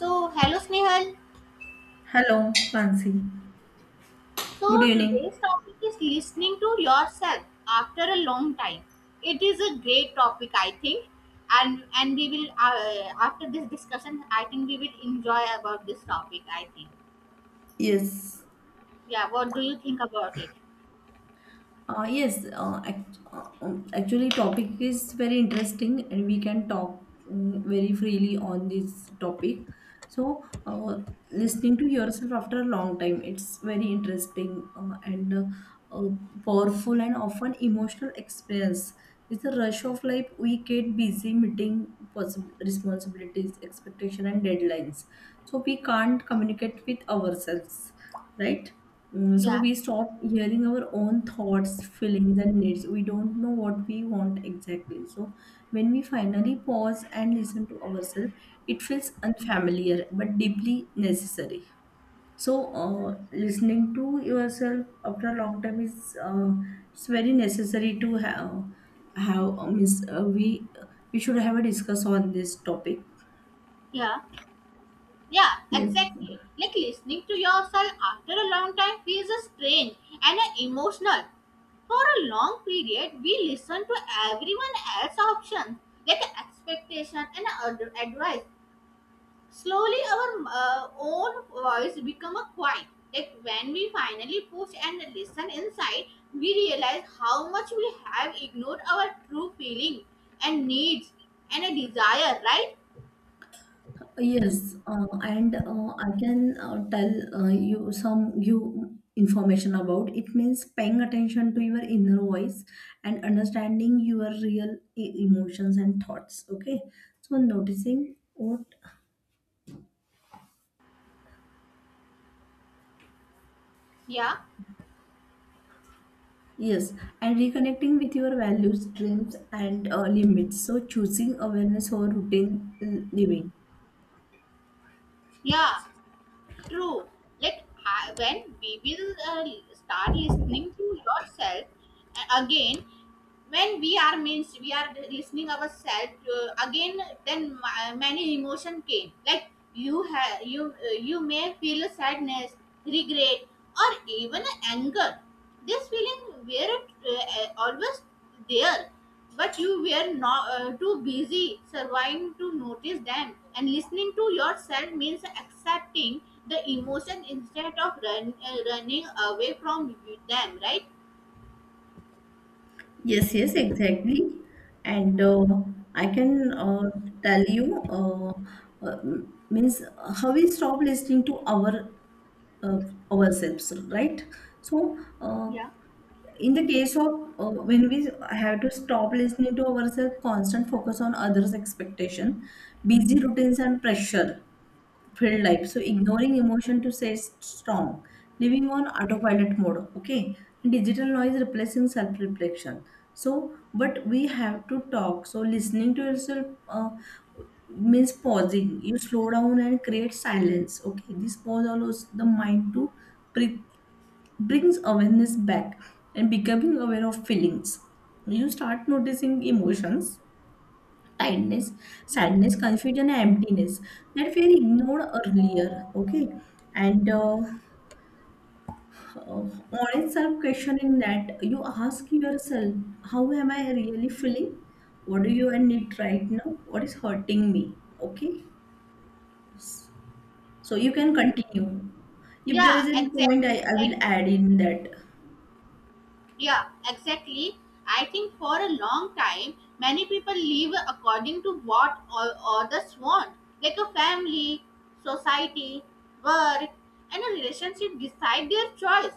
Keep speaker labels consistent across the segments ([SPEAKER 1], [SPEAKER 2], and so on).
[SPEAKER 1] So, hello Snehal.
[SPEAKER 2] Hello, Mansi. Good
[SPEAKER 1] So,
[SPEAKER 2] evening.
[SPEAKER 1] today's topic is listening to yourself after a long time. It is a great topic, I think, and we will after this discussion, I think we will enjoy about this topic. I think.
[SPEAKER 2] Yes.
[SPEAKER 1] Yeah. What do you think about it?
[SPEAKER 2] Actually, topic is very interesting, and we can talk very freely on this topic. So, listening to yourself after a long time, it's very interesting and uh, powerful, and often emotional experience. With the rush of life, we get busy meeting possible responsibilities, expectation, and deadlines. So we can't communicate with ourselves, right? So
[SPEAKER 1] Yeah.
[SPEAKER 2] we stop hearing our own thoughts, feelings, and needs. We don't know what we want exactly. So when we finally pause and listen to ourselves, it feels unfamiliar but deeply necessary. So listening to yourself after a long time is it's very necessary to have means we should have a discuss on this topic.
[SPEAKER 1] Yeah. Yeah,
[SPEAKER 2] Yes.
[SPEAKER 1] exactly. Like listening to yourself after a long time feels strange and emotional. For a long period, we listen to everyone else's options, like expectation and advice. Slowly, our own voice become a quiet. Like when we finally push and listen inside, we realize how much we have ignored our true feeling and needs and a desire. Right?
[SPEAKER 2] Yes, and I can tell you some you information about it means paying attention to your inner voice and understanding your real emotions and thoughts. Okay, so noticing what
[SPEAKER 1] Yeah,
[SPEAKER 2] yes, and reconnecting with your values, dreams, and limits. So choosing awareness over routine living.
[SPEAKER 1] yeah. True. Like when we will start listening to yourself again, when we are means we are listening ourselves again then many emotion came like you have you you may feel sadness, regret, or even anger. This feeling were always there, but you were not too busy surviving to notice them, and listening to yourself means accepting the emotion instead of running away from them, right?
[SPEAKER 2] Yes, yes, exactly. And I can tell you, uh, means how we stop listening to our uh, ourselves, right? So,
[SPEAKER 1] Yeah.
[SPEAKER 2] in the case of when we have to stop listening to ourselves, constant focus on others' expectation, busy routines and pressure filled life. So ignoring emotion to say strong, living on autopilot mode. Okay, and digital noise replacing self reflection. So, but we have to talk. So listening to yourself means pausing. You slow down and create silence. Okay, this pause allows the mind to breathe, brings awareness back, and becoming aware of feelings. You start noticing emotions: kindness, sadness, confusion, and emptiness that were ignored earlier. Okay, and honest self questioning, that you ask yourself, how am I really feeling? What do you need right now? What is hurting me? Okay, so you can continue. If there is
[SPEAKER 1] yeah
[SPEAKER 2] a
[SPEAKER 1] exactly
[SPEAKER 2] point, I will
[SPEAKER 1] like
[SPEAKER 2] add in that.
[SPEAKER 1] Yeah, exactly. I think for a long time, many people live according to what others want, like a family, society, work, and a relationship decide their choice.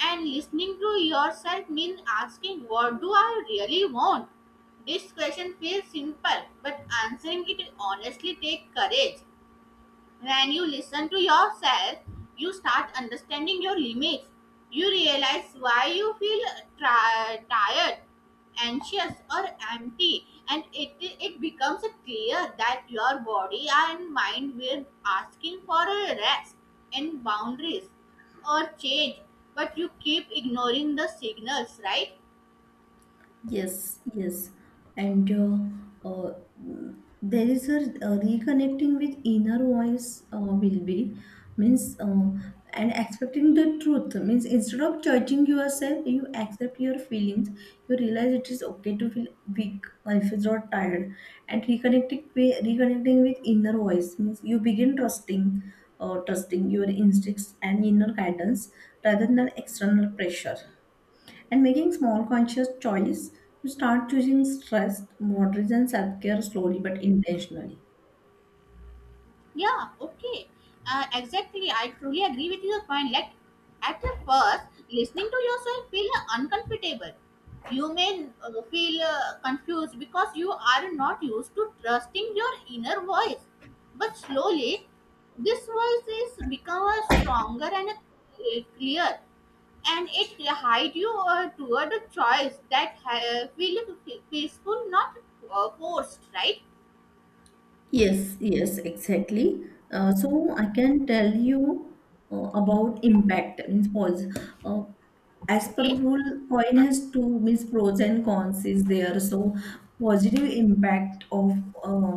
[SPEAKER 1] And listening to yourself means asking, what do I really want? This question feels simple, but answering it honestly takes courage. When you listen to yourself, you start understanding your limits. You realize why you feel tired, anxious, or empty, and it becomes clear that your body and mind were asking for a rest and boundaries or change, but you keep ignoring the signals, right?
[SPEAKER 2] Yes, yes, and there is a reconnecting with inner voice will be means and accepting the truth means instead of judging yourself, you accept your feelings. You realize it is okay to feel weak or if you're tired, and reconnecting with inner voice means you begin trusting your instincts and inner guidance rather than external pressure, and making small conscious choice to start choosing stress, moderation, self care slowly but intentionally.
[SPEAKER 1] Yeah, okay. Exactly. I truly agree with your point. Like, at first, listening to yourself feel uncomfortable. You may feel confused because you are not used to trusting your inner voice. But slowly, this voice is become a stronger and a clear, and it guide you toward a choice that feel peaceful, not forced. Right?
[SPEAKER 2] Yes, yes, exactly. So I can tell you about impact means pros. Uh, as per
[SPEAKER 1] Okay.
[SPEAKER 2] rule, coin has two means pros and cons is there. So positive impact of uh,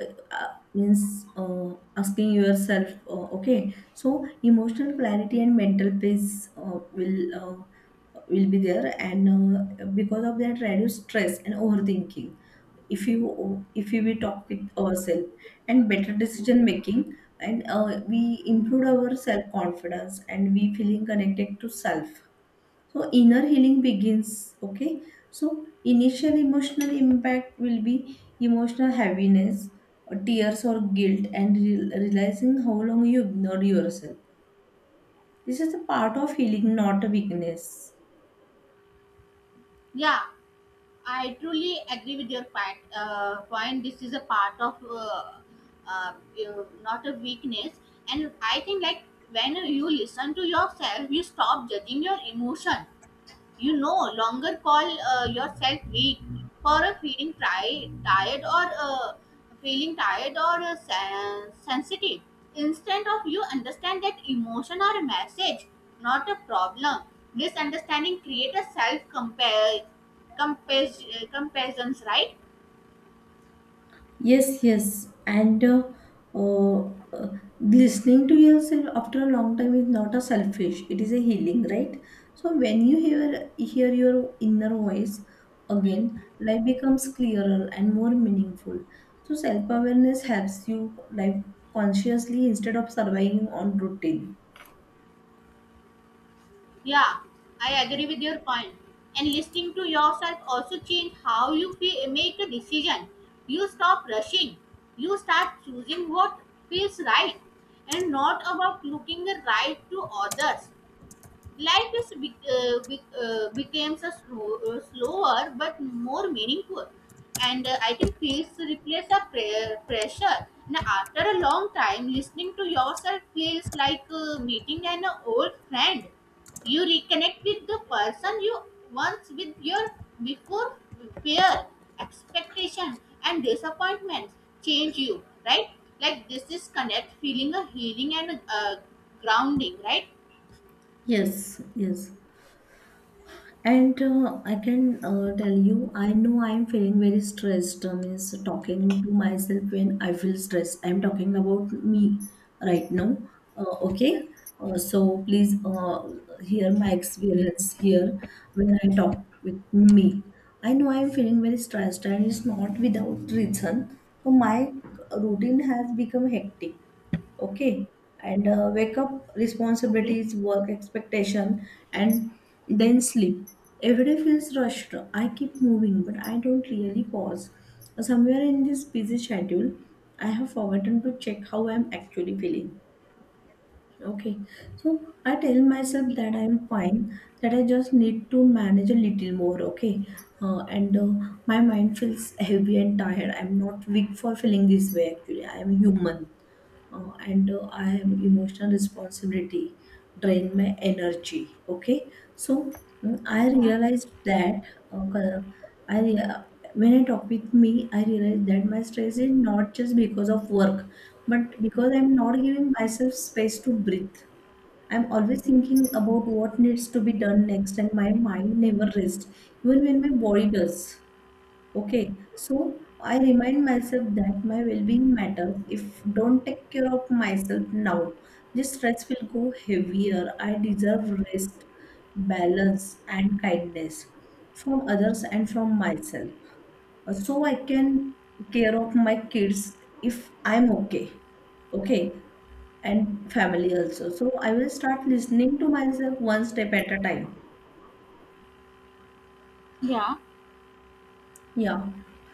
[SPEAKER 2] uh, means asking yourself, okay, so emotional clarity and mental peace will be there, and because of that, reduce stress and overthinking if you if we talk with ourselves, and better decision making, and we improve our self confidence and we feeling connected to self, so inner healing begins. Okay, so initial emotional impact will be emotional heaviness or tears or guilt and realizing how long you ignored yourself. This is a part of healing, not a weakness.
[SPEAKER 1] Yeah. I truly agree with your point. This is a part of you- not a weakness, and I think like when you listen to yourself, you stop judging your emotion. You no longer call yourself weak for a feeling tri- tired or feeling tired or sensitive. Instead of you understand that emotion or a message, not a problem. This understanding create a self compare comparisons, right?
[SPEAKER 2] Yes, yes, and uh, uh, listening to yourself after a long time is not a selfish. It is a healing, right? So when you hear your inner voice again, life becomes clearer and more meaningful. So self awareness helps you live consciously instead of surviving on routine.
[SPEAKER 1] Yeah, I agree with your point. And listening to yourself also change how you feel, make a decision. You stop rushing. You start choosing what feels right and not about looking right to others. Life is becomes a slower but more meaningful, and I think peace replaces the pressure. Now, after a long time, listening to yourself feels like meeting an old friend. You reconnect with the person you once with your before fear, expectation, and disappointments change you, right? Like this is connect, feeling a healing and grounding, right?
[SPEAKER 2] Yes, yes. And I can tell you, I know I'm feeling very stressed. Means talking to myself when I feel stressed. I'm talking about me right now. Okay. So please hear my experience here when I talk with me. I know I'm feeling very stressed, and it's not without reason. So my routine has become hectic. Okay, and wake up,
[SPEAKER 1] Okay.
[SPEAKER 2] responsibilities, work, expectation, and then sleep. Every day feels rushed. I keep moving, but I don't really pause. Somewhere in this busy schedule, I have forgotten to check how I'm actually feeling. Okay, so I tell myself that I'm fine, that I just need to manage a little more. Okay, and my mind feels heavy and tired. I'm not weak for feeling this way. Actually, I am human, and I am emotional. Responsibility drain my energy. Okay, so I
[SPEAKER 1] Yeah,
[SPEAKER 2] realized that uh, co- i rea- when I talk with me, I realized that my stress is not just because of work, but because I'm not giving myself space to breathe. I'm always thinking about what needs to be done next and my mind never rests, even when my body does. Okay, so I remind myself that my well-being matters. If don't take care of myself now, this stress will go heavier. I deserve rest, balance, and kindness from others and from myself. So I can care of my kids if I'm okay. Okay, and family also. So I will start listening to myself one step at a time.
[SPEAKER 1] yeah,
[SPEAKER 2] Yeah,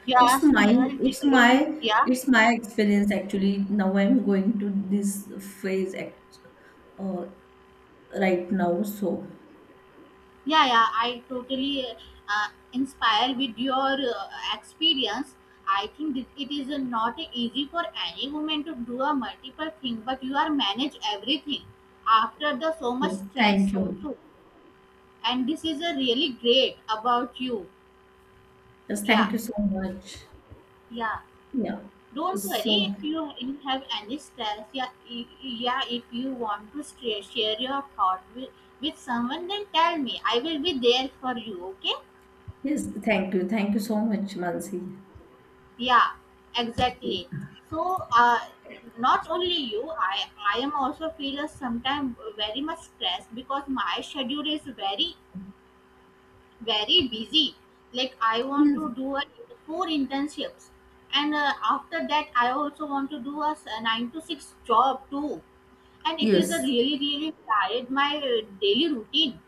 [SPEAKER 1] yeah,
[SPEAKER 2] it's my
[SPEAKER 1] Snehal.
[SPEAKER 2] it's my
[SPEAKER 1] Yeah,
[SPEAKER 2] it's my experience actually. Now I'm going to this phase act, uh, right now. So
[SPEAKER 1] yeah, yeah. I totally uh, inspired with your experience. I think it is not easy for any woman to do a multiple thing, but you are manage everything after the so much
[SPEAKER 2] yes, thank
[SPEAKER 1] stress
[SPEAKER 2] you.
[SPEAKER 1] also. And this is a really great about you.
[SPEAKER 2] Yes,
[SPEAKER 1] Yeah,
[SPEAKER 2] thank you so much.
[SPEAKER 1] yeah.
[SPEAKER 2] Yeah.
[SPEAKER 1] Don't worry
[SPEAKER 2] So
[SPEAKER 1] if you have anesthesia. Yeah, yeah, if you want to share, share your thought with someone, then tell me. I will be there for you, okay?
[SPEAKER 2] yes, thank you so much, Mansi.
[SPEAKER 1] Yeah, exactly. So, not only you, I am also feel sometimes very much stressed because my schedule is very busy. Like, I want
[SPEAKER 2] Yes,
[SPEAKER 1] to four internships. And after that, I also want to do a 9 to 6 job too, and it is a
[SPEAKER 2] yes,
[SPEAKER 1] really really tired my daily routine.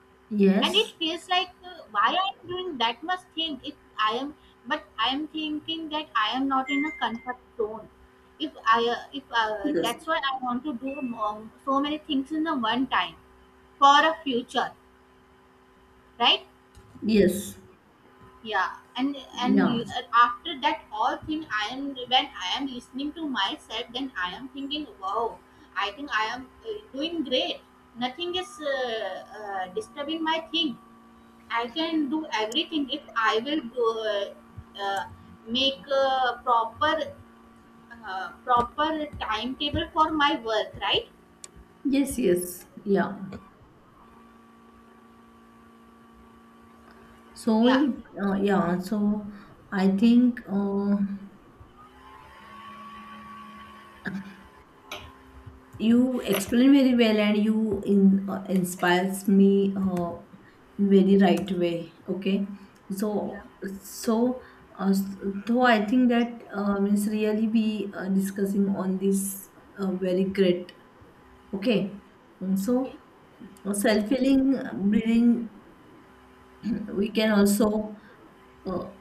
[SPEAKER 1] And it
[SPEAKER 2] yes,
[SPEAKER 1] feels like why I am doing that much thing if i am I am thinking that I am not in a comfort zone. If I if
[SPEAKER 2] yes,
[SPEAKER 1] That's why I want to do so many things in a one time for a future, right?
[SPEAKER 2] yes.
[SPEAKER 1] Yeah. and and
[SPEAKER 2] Yeah.
[SPEAKER 1] uh, after that all thing I am when I am listening to myself, then I am thinking, wow, I think I am doing great. Nothing is disturbing my thing. I can do everything if I will uh, make a proper timetable for my work, right?
[SPEAKER 2] Yes, yes, yeah. So
[SPEAKER 1] Yeah,
[SPEAKER 2] it, yeah. So I think. You explain very well and you inspires me in very right way. Okay,
[SPEAKER 1] yeah,
[SPEAKER 2] so so uh, so I think that means really be discussing on this very great. Okay. So
[SPEAKER 1] okay.
[SPEAKER 2] self healing, breathing, we can also uh,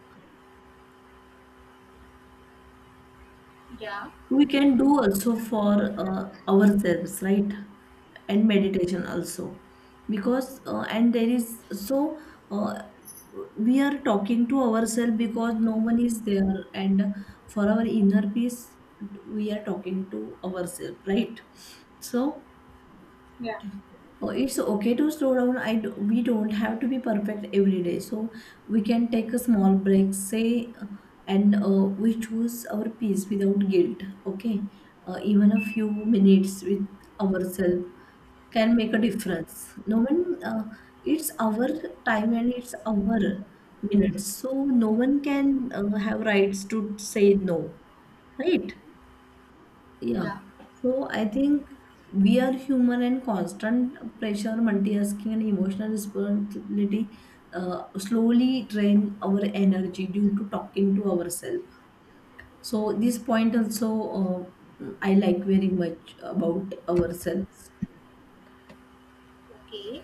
[SPEAKER 1] Yeah.
[SPEAKER 2] we can do also for ourselves, right? And meditation also, because and there is so uh, we are talking to ourselves because no one is there, and for our inner peace we are talking to ourselves, right? So
[SPEAKER 1] Yeah.
[SPEAKER 2] oh, it's okay to slow down. I do, we don't have to be perfect every day. So we can take a small break, say, and we choose our peace without guilt. Okay, even a few minutes with ourselves can make a difference. No one, it's our time and it's our minutes. So no one can have rights to say no, right? Yeah.
[SPEAKER 1] Yeah,
[SPEAKER 2] So I think we are human, and constant pressure, multitasking, and emotional responsibility slowly drain our energy due to talking to ourselves. So this point also I like very much about ourselves.
[SPEAKER 1] okay.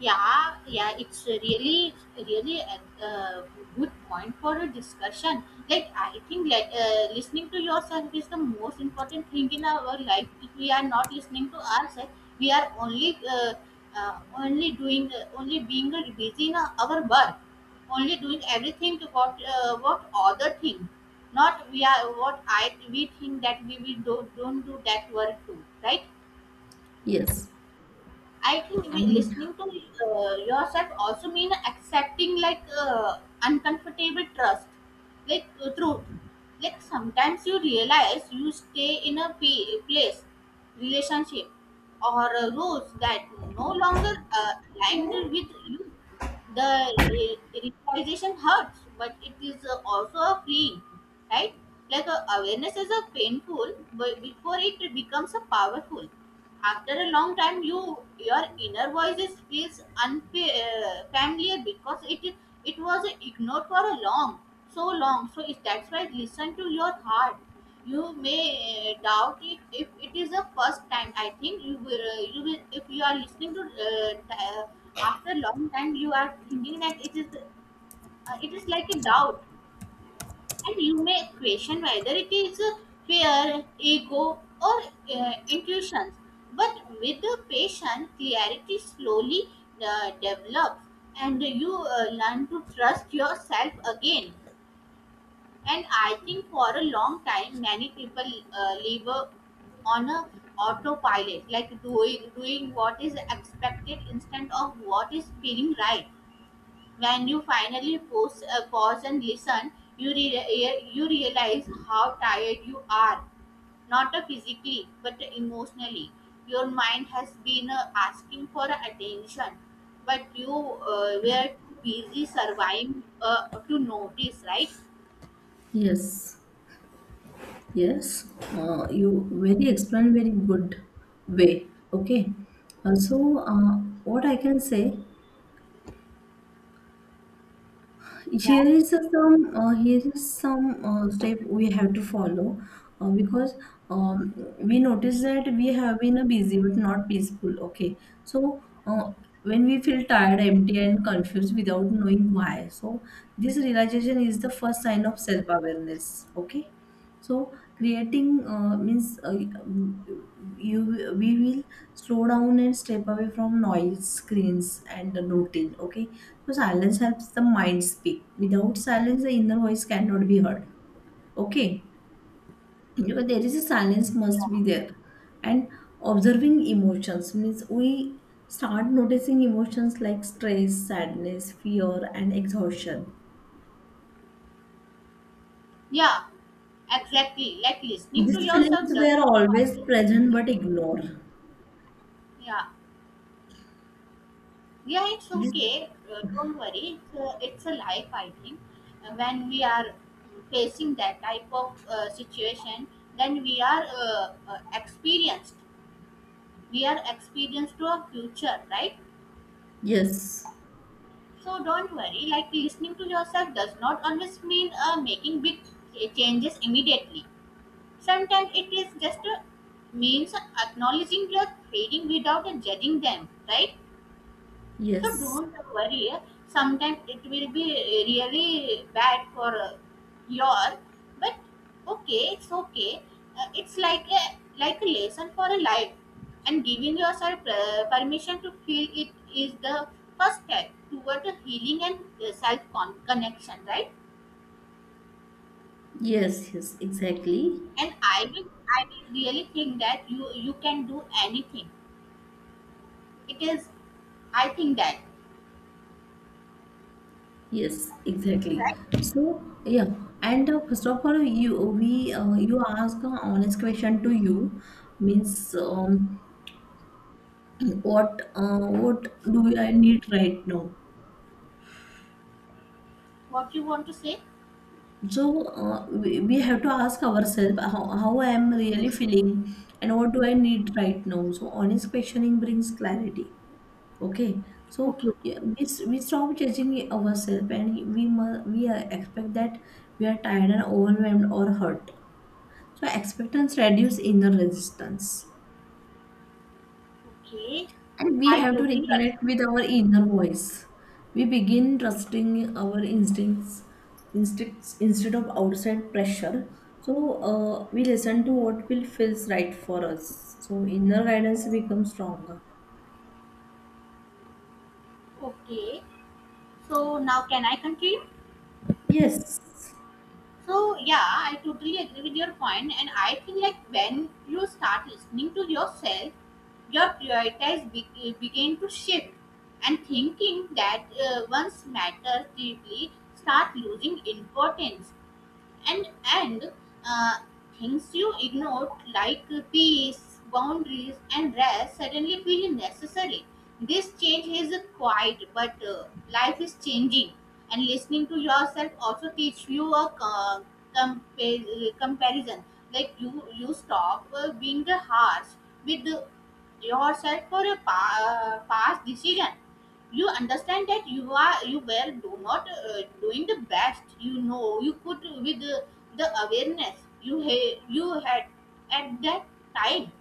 [SPEAKER 1] Yeah, yeah, it's a really, really a good point for a discussion. Like, I think like listening to yourself is the most important thing in our life. If we are not listening to ourselves, we are only, only doing, only being busy in our work, only doing everything about what other thing. Not we are what I we think that we will do, don't do that work too, right?
[SPEAKER 2] Yes.
[SPEAKER 1] I think we
[SPEAKER 2] And
[SPEAKER 1] listening to yourself also mean accepting like uncomfortable trust, like truth. Like sometimes you realize you stay in a place, relationship, or rules that no longer aligned with you. The realization hurts, but it is also a freeing, right? Like awareness is a painful, but before it becomes a powerful. After a long time, your inner voice feels unfamiliar because it was ignored for a long, so long. So is that's why listen to your heart. You may doubt it if it is the first time. I think you will if you are listening to after long time you are thinking that it is like a doubt, and you may question whether it is fear, ego, or intuitions. But with the patient, clarity slowly develops, and you learn to trust yourself again. And I think for a long time, many people live on a autopilot, like doing what is expected instead of what is feeling right. When you finally pause and listen, you realize how tired you are, not physically but emotionally. Your mind has been asking for attention, but you were too busy surviving to notice, right?
[SPEAKER 2] yes, yes, you very explained very good way. Okay. So what I can say
[SPEAKER 1] Yeah,
[SPEAKER 2] here is a some here is some step we have to follow because um, we notice that we have been a busy but not peaceful. Okay, so when we feel tired, empty, and confused without knowing why, so this realization is the first sign of self awareness. Okay, so creating means you we will slow down and step away from noise, screens, and the routine. Okay, so silence helps the mind speak. Without silence, the inner voice cannot be heard. Okay, because there is a silence must be there. And observing emotions means we start noticing emotions like stress, sadness, fear, and exhaustion.
[SPEAKER 1] yeah, exactly. Like listening to
[SPEAKER 2] These feelings
[SPEAKER 1] yourself does
[SPEAKER 2] were
[SPEAKER 1] not
[SPEAKER 2] always
[SPEAKER 1] always mean
[SPEAKER 2] present but ignored.
[SPEAKER 1] yeah. Yeah, it's
[SPEAKER 2] Yes,
[SPEAKER 1] okay. Don't worry. It's a life, I think. When we are facing that type of situation, then we are experienced. We are experienced to our future, right?
[SPEAKER 2] yes.
[SPEAKER 1] So don't worry. Like listening to yourself does not always mean making big changes immediately. Sometimes it is just means acknowledging your feeling without judging them, right? So
[SPEAKER 2] Yes,
[SPEAKER 1] don't worry. Sometimes it will be really bad for your, but okay, it's okay. It's like a lesson for a life, and giving yourself permission to feel it is the first step toward the healing and connection, right?
[SPEAKER 2] yes, yes, exactly.
[SPEAKER 1] And I will really think that you can do anything. It is I think that
[SPEAKER 2] Yes, exactly.
[SPEAKER 1] right.
[SPEAKER 2] So, yeah, and first of all, you we you ask a honest question to you means what do I need right now?
[SPEAKER 1] What you want to say?
[SPEAKER 2] So we have to ask ourselves how I am really feeling and what do I need right now. So honest questioning brings clarity. Okay, so
[SPEAKER 1] Okay, okay.
[SPEAKER 2] yeah, we, we stop judging ourselves, and we must we expect that we are tired and overwhelmed or hurt. So expectance reduce inner resistance,
[SPEAKER 1] Okay,
[SPEAKER 2] and we
[SPEAKER 1] I
[SPEAKER 2] have to
[SPEAKER 1] totally
[SPEAKER 2] reconnect
[SPEAKER 1] agree
[SPEAKER 2] with
[SPEAKER 1] with
[SPEAKER 2] our inner voice. We begin trusting our instincts instead of outside pressure. So we listen to what will feels right for us. So inner guidance becomes stronger.
[SPEAKER 1] you. Okay, so now can I continue?
[SPEAKER 2] Yes,
[SPEAKER 1] So yeah, I totally agree with your point, and I think like when you start listening to yourself, your priorities begin to shift, and thinking that once matters deeply start losing importance. and and uh, things you ignored like peace, boundaries, and rest suddenly feel necessary. This change is quiet but life is changing. And listening to yourself also teach you a comparison. Like you stop being harsh with yourself for a past decision. You understand that you were do not doing the best you know you could with the awareness you you had at that time.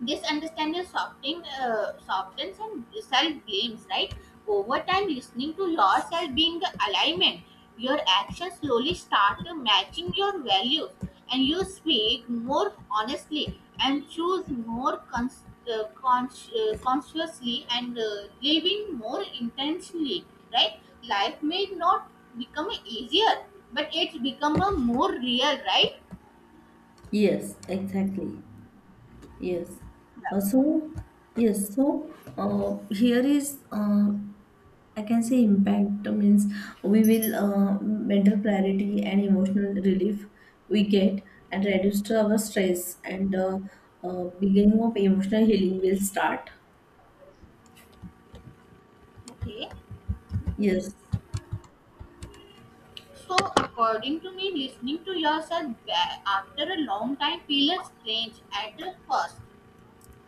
[SPEAKER 1] This understanding softens and self blames, right? Over time, listening to yourself being the alignment, your actions slowly start matching your values, and you speak more honestly and choose more consciously, and living more intentionally, right? Life may not become easier, but it's become a more real, right?
[SPEAKER 2] yes, exactly. Yes.
[SPEAKER 1] Yeah.
[SPEAKER 2] So, yes. So, here is, I can say impact means we will mental clarity and emotional relief we get, and reduce to our stress, and beginning of emotional healing will start.
[SPEAKER 1] Okay.
[SPEAKER 2] Yes.
[SPEAKER 1] So, according to me, listening to yourself back after a long time feels strange at first.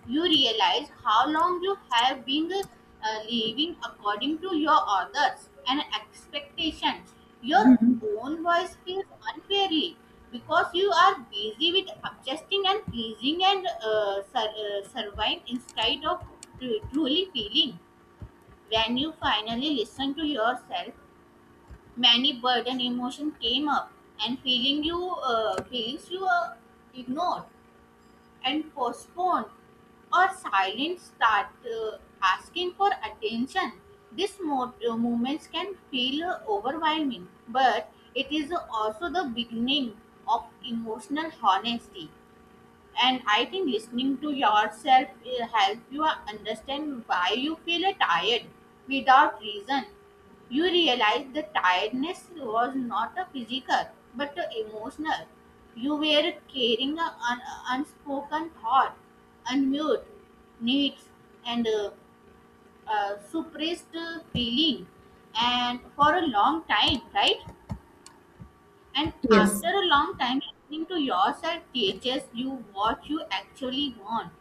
[SPEAKER 1] You realize how long you have been living according to your others and expectations. Your own voice feels unfairly because you are busy with adjusting and pleasing and surviving instead of tru- truly feeling. When you finally listen to yourself, many burden emotion came up and feelings you ignored and postponed or silent start asking for attention. These moments can feel overwhelming, but it is also the beginning of emotional honesty. And I think listening to yourself will help you understand why you feel tired without reason. You realize the tiredness was not a physical but a emotional. You were carrying an unspoken thought, unmute needs, and suppressed feeling, and for a long time, right? And
[SPEAKER 2] Yes.
[SPEAKER 1] after a long time, listening to yourself teaches you what you actually want,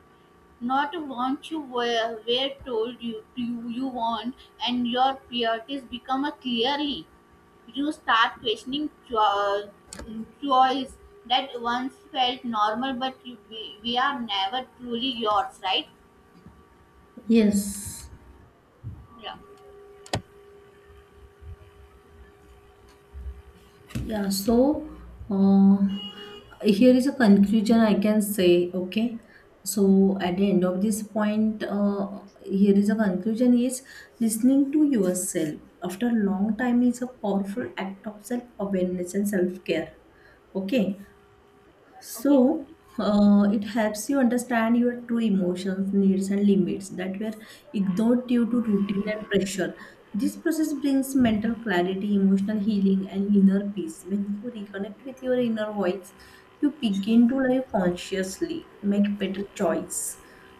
[SPEAKER 1] not what you were told you want, and your priorities become a clearly. You start questioning choice that once felt normal, but you, we are never truly yours, right?
[SPEAKER 2] Yes.
[SPEAKER 1] Yeah.
[SPEAKER 2] Yeah, so uh, here is a conclusion I can say, okay. So at the end of this point, here is a conclusion is listening to yourself after a long time is a powerful act of self awareness and self care. Okay,
[SPEAKER 1] Okay.
[SPEAKER 2] so, it helps you understand your true emotions, needs, and limits that were ignored due to routine and pressure. This process brings mental clarity, emotional healing, and inner peace. When you reconnect with your inner voice, you begin to live consciously, make better choice,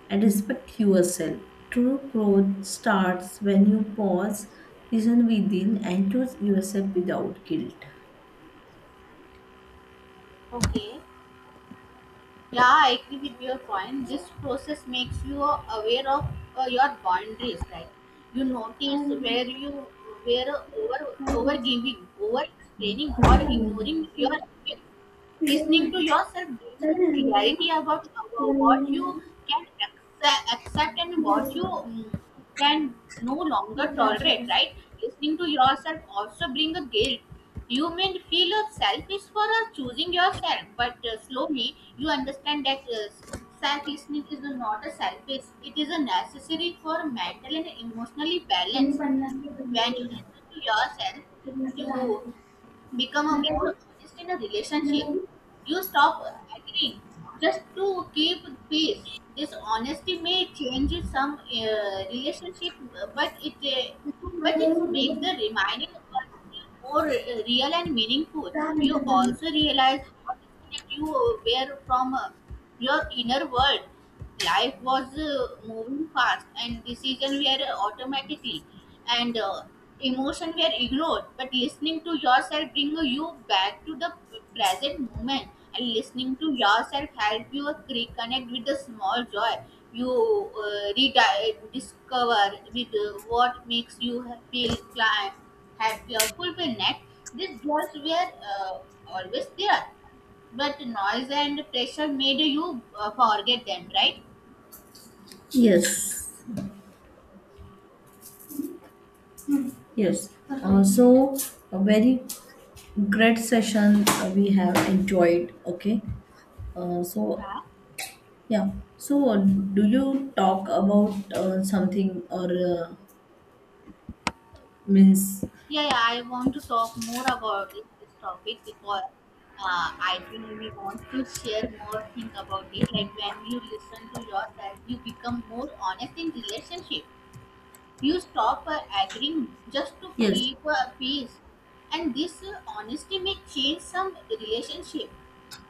[SPEAKER 2] and respect yourself. True growth starts when you pause, listen within, and choose yourself without guilt.
[SPEAKER 1] Okay, yeah, I agree with your point. This process makes you aware of your boundaries, right? You notice where you were over giving, over explaining, or ignoring your
[SPEAKER 2] నిజమే.
[SPEAKER 1] listening to yourself, gain a
[SPEAKER 2] చదివా నేను.
[SPEAKER 1] clarity about
[SPEAKER 2] ఇలా
[SPEAKER 1] what
[SPEAKER 2] ఏంటంటే,
[SPEAKER 1] you can accept and
[SPEAKER 2] ఇది
[SPEAKER 1] what you
[SPEAKER 2] చదువుకోను.
[SPEAKER 1] can no longer
[SPEAKER 2] నాకు రాజు
[SPEAKER 1] tolerate,
[SPEAKER 2] Raju.
[SPEAKER 1] right? Listening to yourself also bring a guilt. You may feel a selfish for choosing yourself, but slowly you understand that self listening is not a selfish, it is a necessary for mental and emotionally
[SPEAKER 2] ఎన్ని
[SPEAKER 1] balance.
[SPEAKER 2] పనులేస్తా
[SPEAKER 1] When you
[SPEAKER 2] దున్నదిలా.
[SPEAKER 1] listen to yourself,
[SPEAKER 2] దున్నేస్తా
[SPEAKER 1] you
[SPEAKER 2] దారదిలా.
[SPEAKER 1] become a
[SPEAKER 2] అలాగే
[SPEAKER 1] more honest in a relationship.
[SPEAKER 2] నాకు
[SPEAKER 1] You stop agreeing just to keep peace. This honesty may change some relationship, but it uh, but it
[SPEAKER 2] మనదేమో
[SPEAKER 1] makes the
[SPEAKER 2] ఉంటుంది.
[SPEAKER 1] remaining one more real and meaningful. You also realize how disconnected you were from your inner world. Life was moving fast and decisions were automatically and emotion were ignored, but listening to yourself bring you back to the present moment. And listening to yourself help you reconnect with the small joy. You rediscover with what makes you feel climb happy or fulfilled. These joys were uh, always there, but noise and pressure made you forget them, right?
[SPEAKER 2] Yes, yes. Uh, so, a very great session we have enjoyed. Okay. So,
[SPEAKER 1] Yeah,
[SPEAKER 2] yeah. So, do you talk about something or uh, means?
[SPEAKER 1] yeah, yeah, I want to talk more about this topic because I really want to share more things about it. Like when you listen to yourself, you become more honest in relationship. You stop agreeing just to
[SPEAKER 2] Yes,
[SPEAKER 1] keep peace, and this honesty may change some relationship,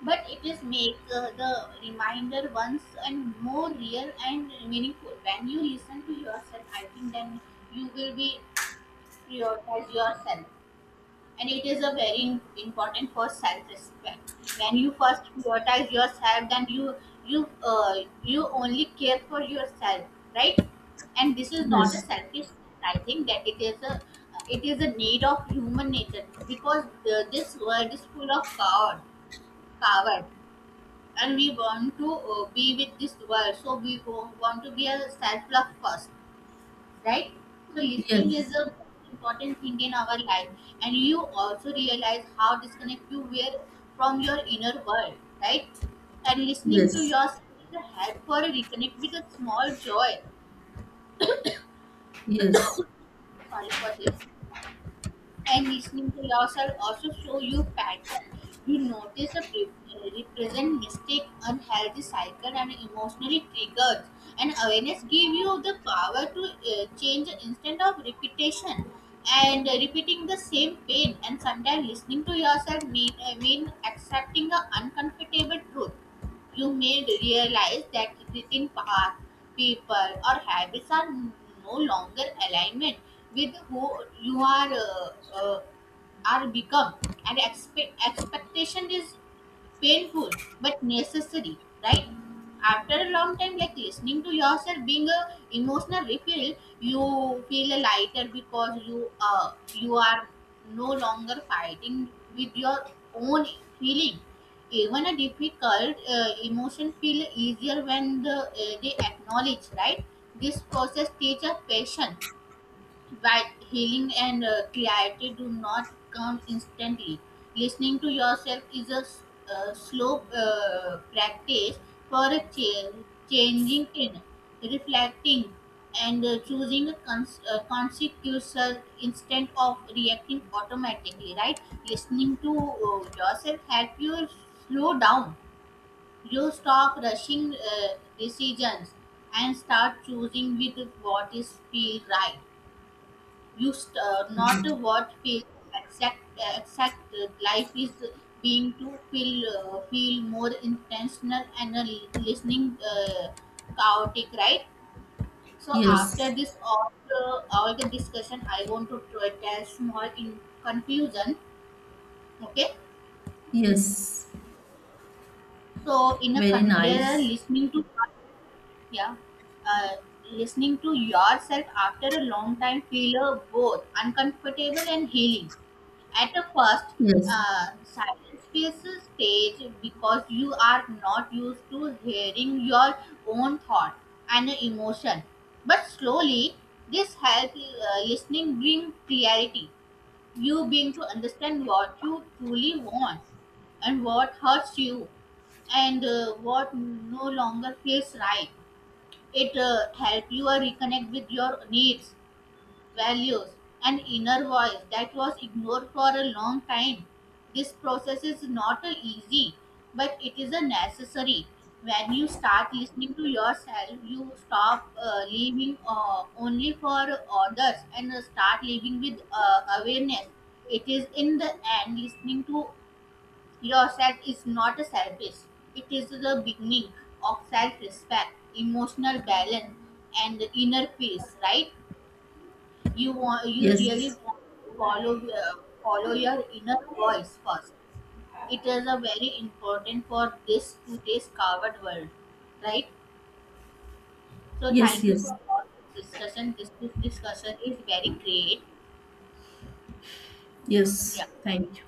[SPEAKER 1] but it is make the reminder once and more real and meaningful. When you listen to yourself, I think then you will be prioritize yourself, and it is a very important for self-respect. When you first prioritize yourself, then you uh, you only care for yourself, right? And this is not a
[SPEAKER 2] yes.
[SPEAKER 1] selfish thing. I think that it is a, it is a need of human nature, because this world is full of coward. And we want to be with this world, so want to be a self-love first, right? So listening is
[SPEAKER 2] Yes,
[SPEAKER 1] a important thing in our life. And you also realize how disconnect you were from your inner world, right? And listening to
[SPEAKER 2] yes,
[SPEAKER 1] yourself is a help for a reconnect with a small joy.
[SPEAKER 2] yes,
[SPEAKER 1] Sorry for this. And listening to yourself also show you pattern. You notice the represent mistake, unhealthy cycle, and emotionally triggers. And awareness give you the power to change instead of repetition and repeating the same pain. And sometimes listening to yourself mean accepting the uncomfortable truth. You may realize that eating paths, people, or habits are no longer alignment with who you are become, and expectation is painful but necessary, right? After a long time, like listening to yourself being a emotional refill, you feel lighter because you are no longer fighting with your own feeling. Even a difficult emotion feel easier when they acknowledge, right? This process teaches patience. While healing and clarity do not come instantly, listening to yourself is a slow practice for a changing in, reflecting, and choosing a consecutive instead of reacting automatically. Right, listening to yourself help you slow down. You stop rushing decisions and start choosing with what is feel right, not what feels exact exact. Life is being to feel feel more intentional and listening chaotic, right? So after
[SPEAKER 2] yes,
[SPEAKER 1] this all the discussion, I want to try tell small in confusion, okay?
[SPEAKER 2] yes.
[SPEAKER 1] So in a
[SPEAKER 2] Very
[SPEAKER 1] conclusion,
[SPEAKER 2] nice.
[SPEAKER 1] listening to, yeah, uh, listening to yourself after a long time feel both uncomfortable and healing. At the first,
[SPEAKER 2] Yes,
[SPEAKER 1] silence feels stage because you are not used to hearing your own thought and emotion. But slowly this help listening bring clarity. You begin to understand what you truly want and what hurts you and what no longer feels right. It help you reconnect with your needs, values, and inner voice that was ignored for a long time. This process is not a easy, but it is a necessary. When you start listening to yourself, you stop living only for others and start living with awareness. It is in the end, listening to yourself is not a service, it is the beginning of self respect, emotional balance, and inner peace, right? You really
[SPEAKER 2] yes,
[SPEAKER 1] want to follow your inner voice first. It is a very important for this today's covered world, right? So
[SPEAKER 2] yes,
[SPEAKER 1] thank you
[SPEAKER 2] yes,
[SPEAKER 1] for all the discussion. This discussion is very great. Yeah.
[SPEAKER 2] yes. Thank you.